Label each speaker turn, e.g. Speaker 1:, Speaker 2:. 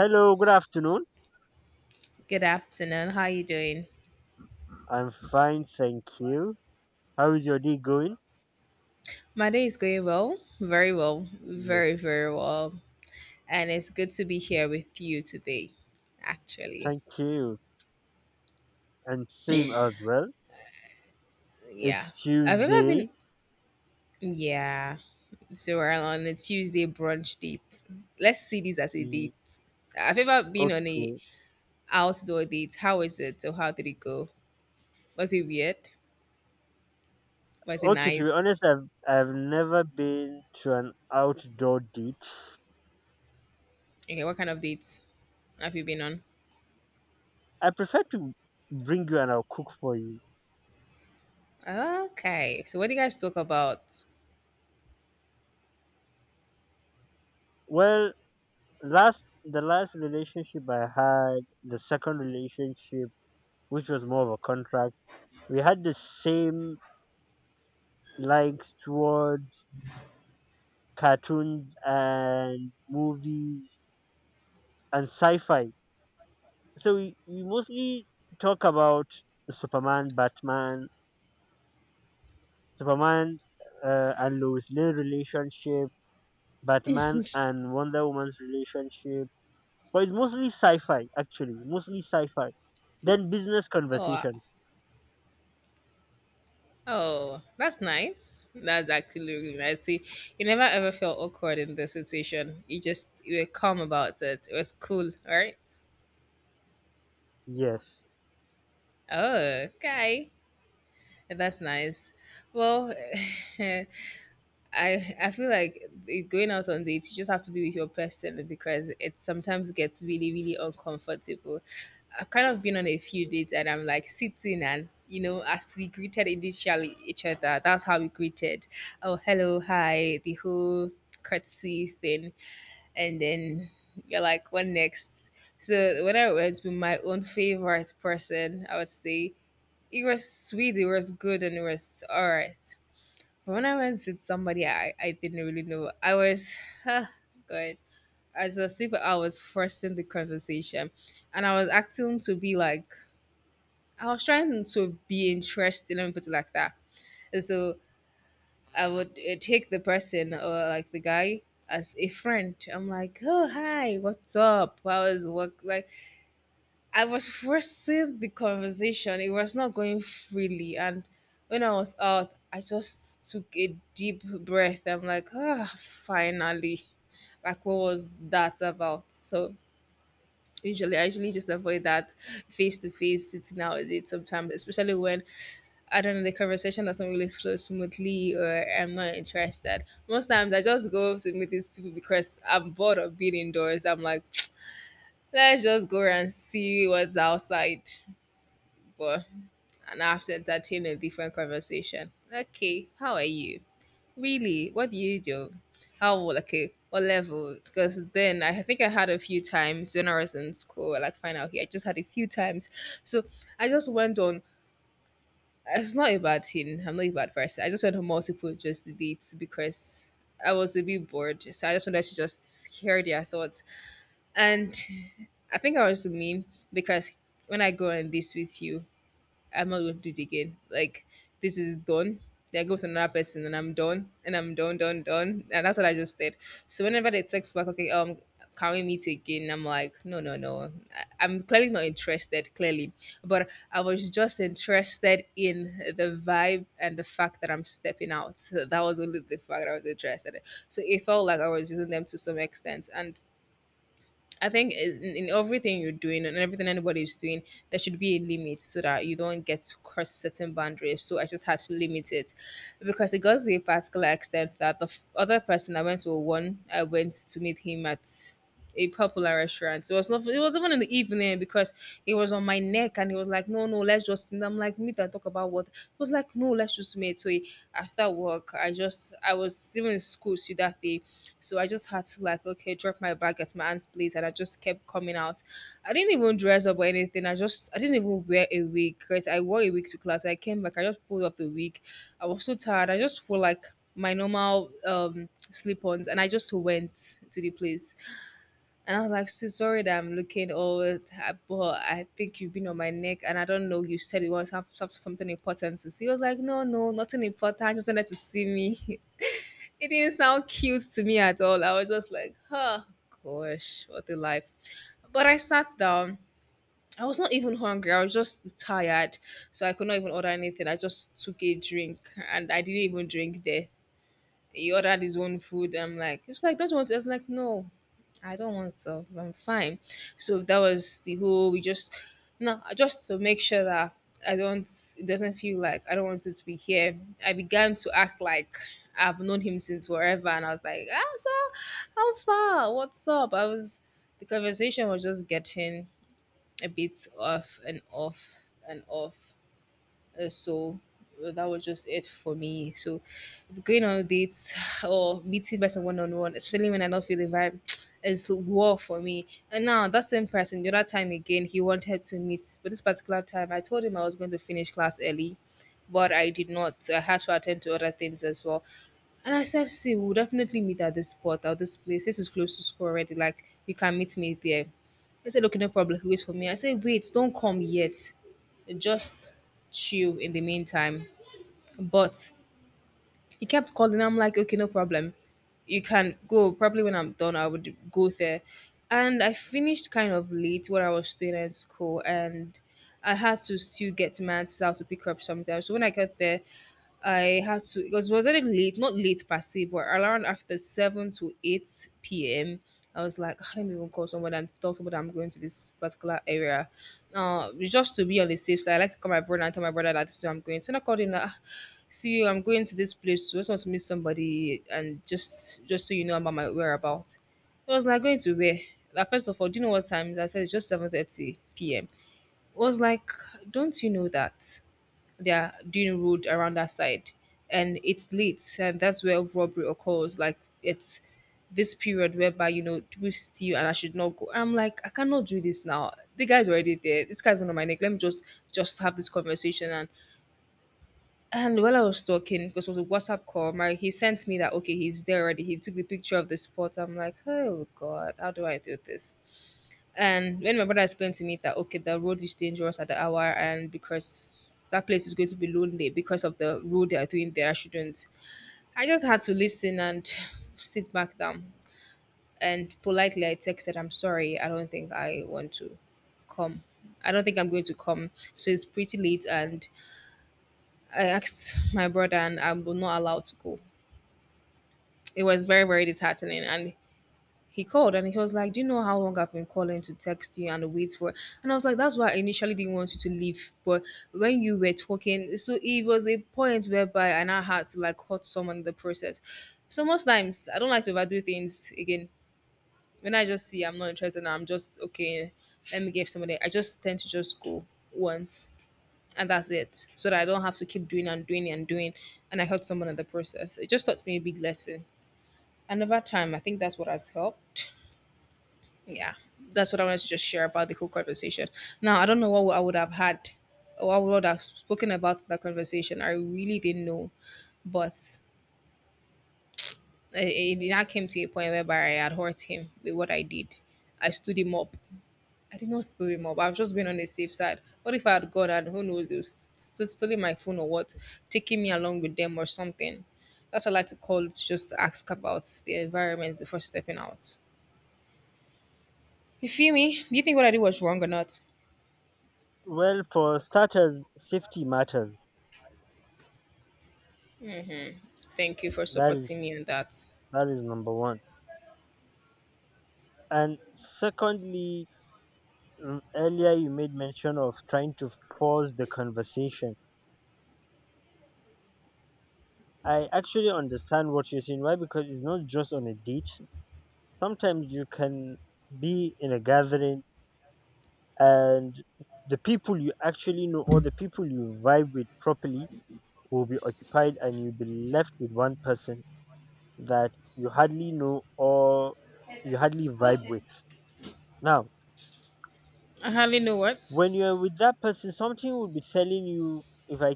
Speaker 1: Hello, good afternoon.
Speaker 2: Good afternoon. How are you doing?
Speaker 1: I'm fine, thank you. How is your day going?
Speaker 2: My day is going well, very well,
Speaker 1: Yeah,
Speaker 2: very, very well. And it's good to be here with you today, actually.
Speaker 1: thank you. And same as well.
Speaker 2: Yeah.
Speaker 1: It's
Speaker 2: I've ever been,
Speaker 1: Tuesday.
Speaker 2: yeah. So we're on a Tuesday brunch date. Let's see this as a date.
Speaker 1: Ye-
Speaker 2: I've ever been on a
Speaker 1: Okay.
Speaker 2: outdoor date. How is it? So how did it go? Was it weird? Was it
Speaker 1: Okay, to be
Speaker 2: nice?
Speaker 1: honest, I've never been to an outdoor date.
Speaker 2: Okay, what kind of dates have you been on?
Speaker 1: I prefer to bring you and I'll cook for you.
Speaker 2: Okay. So what do you guys talk about?
Speaker 1: Well, last the last relationship I had, the second relationship, which was more of a contract, we had the same likes towards cartoons and movies and sci-fi. So we mostly talk about Superman, Batman, Superman and Lois Lane relationship, Batman and Wonder Woman's relationship. But it's mostly sci-fi, actually, mostly sci-fi. Then business
Speaker 2: Oh,
Speaker 1: conversation.
Speaker 2: oh, that's nice. That's actually really nice. See, you never ever felt awkward in the situation. You were calm about it. It was cool, right?
Speaker 1: Yes.
Speaker 2: Oh, okay. That's nice. Well, I feel like going out on dates, you just have to be with your person because it sometimes gets really really uncomfortable. I've kind of been on a few dates and I'm like sitting, and you know as we greeted initially each other, that's how we greeted. Oh hello, hi, the whole courtesy thing, and then you're like, what next? So when I went with my own favorite person, I would say it was sweet, it was good, and it was all right. When I went with somebody I didn't really know, I was, good. As a sleeper, I was forcing the conversation and I was acting to be like, I was trying to be interested. Let me put it like that. And so I would take the person or like the guy as a friend. I'm like, oh, hi, what's up? How was work? Like, I was forcing the conversation. It was not going freely. And when I was out, I just took a deep breath. I'm like, ah, finally. Like, what was that about? So, usually, I usually just avoid that face to face sitting out with it sometimes, especially when I don't know, the conversation doesn't really flow smoothly or I'm not interested. Most times, I just go to meet these people because I'm bored of being indoors. I'm like, let's just go and see what's outside. But and I have to entertain a different conversation. Okay, how are you? Really? What do you do? How old? Okay? What level? Because then I think I had a few times when I was in school, like fine out here. I just had a few times. So I just went on it's not a bad thing. I'm not a bad person. I just went on multiple just dates because I was a bit bored. So I just wanted to just hear their thoughts. And I think I was mean because when I go on this with you, I'm not going to do it again. Like this is done. Then I go with another person and I'm done, done, done. And that's what I just did. So whenever they text back, okay, can we meet again? I'm like, no, no, no. I'm clearly not interested, clearly. But I was just interested in the vibe and the fact that I'm stepping out. So that was only the fact that I was interested in. So it felt like I was using them to some extent. And I think in everything you're doing and everything anybody is doing, there should be a limit so that you don't get to cross certain boundaries. So I just had to limit it because it got to a particular extent that the other person I went to one, I went to meet him at a popular restaurant. So it was not it was even in the evening because he was on my neck and he was like, no, no, let's just and I'm like, meet and talk about what he was like, no, let's just meet. So after work, I was still in school so that day. So I just had to like okay, drop my bag at my aunt's place and I just kept coming out. I didn't even dress up or anything. I didn't even wear a wig because I wore a wig to class. I came back, I just pulled off the wig. I was so tired. I just wore like my normal slip-ons and I just went to the place. And I was like, "So sorry that I'm looking old, I- but I think you've been on my neck, and I don't know. You said it was have, some- something important to see." He was like, "No, no, nothing important. I just wanted to see me." It didn't sound cute to me at all. I was just like, "Huh, gosh, what a life!" But I sat down. I was not even hungry. I was just tired, so I could not even order anything. I just took a drink, and I didn't even drink there. He ordered his own food. I'm like, it's like, don't you want to? I was like, no, I don't want to. I'm fine. So that was the whole. We just no, just to make sure that I don't. It doesn't feel like I don't want him to be here. I began to act like I've known him since forever, and I was like, ah, sir, how far? What's up? I was. The conversation was just getting a bit off and off and off. So that was just it for me. So going on dates or meeting by one on one, especially when I don't feel the vibe, is war for me. And now that same person, the other time again, he wanted to meet, but this particular time, I told him I was going to finish class early, but I did not. So, I had to attend to other things as well. And I said, see, we'll definitely meet at this spot, at this place. This is close to school already. Like, you can meet me there. He said, okay, no problem. He waits for me. I said, wait, don't come yet. Just chill in the meantime. But he kept calling. I'm like, okay, no problem. You can go. Probably when I'm done, I would go there. And I finished kind of late when I was still in school, and I had to still get to my aunt's house to pick her up sometimes. So when I got there, I had to because it was already late, not late per se, but around after seven to eight p.m. I was like, "Ah, let me even call someone and tell someone that I'm going to this particular area. Now, just to be on the safe side, I like to call my brother and tell my brother that this is where I'm going. So when I called him, like, "Ah, see, you I'm going to this place, so just want to meet somebody, and just so you know about my whereabouts. It was like going to where, like first of all, do you know what time it is? I said it's just 7:30 p.m. It was like, don't you know that they're doing road around that side, and it's late, and that's where robbery occurs? Like it's this period whereby you know people steal and I should not go. I'm like, I cannot do this now. The guy's already there. This guy's one of my neck. Let me just have this conversation. And while I was talking, because it was a WhatsApp call, my he sent me that okay, he's there already. He took the picture of the spot. I'm like, oh god, how do I do this? And when my brother explained to me that okay, the road is dangerous at the hour, and because that place is going to be lonely because of the road they are doing there, I shouldn't. I just had to listen and sit back down. And politely, I texted, "I'm sorry, I don't think I want to come. I don't think I'm going to come. So it's pretty late, and I asked my brother, and I'm not allowed to go. It was very, very disheartening. And he called and he was like, do you know how long I've been calling to text you and wait for? And I was like, that's why I initially didn't want you to leave. But when you were talking, so it was a point whereby I now had to like hurt someone in the process. So most times I don't like to overdo things again. When I just see I'm not interested and I'm just okay, let me give somebody, I just tend to just go once and that's it. So that I don't have to keep doing and doing and doing and I hurt someone in the process. It just taught me a big lesson. And over time, I think that's what has helped. Yeah, that's what I wanted to just share about the whole conversation. Now, I don't know what I would have had or what I would have spoken about in that conversation. I really didn't know. But it now came to a point whereby I had hurt him with what I did. I stood him up. I did not stood him up. I was just being on the safe side. What if I had gone and who knows, they was still stealing my phone or what, taking me along with them or something. That's what I like to call it, just ask about the environment before stepping out. You feel me? Do you think what I did was wrong or not?
Speaker 1: Well, for starters, safety matters.
Speaker 2: Thank you for
Speaker 1: That
Speaker 2: supporting
Speaker 1: is
Speaker 2: me on that.
Speaker 1: that is number one. And secondly, earlier you made mention of trying to pause the conversation. I actually understand what you're saying. Why? Because it's not just on a date. Sometimes you can be in a gathering, and the people you actually know or the people you vibe with properly will be occupied and you'll be left with one person that you hardly know or you hardly vibe with. Now,
Speaker 2: I hardly know what.
Speaker 1: when you're with that person, something will be telling you if I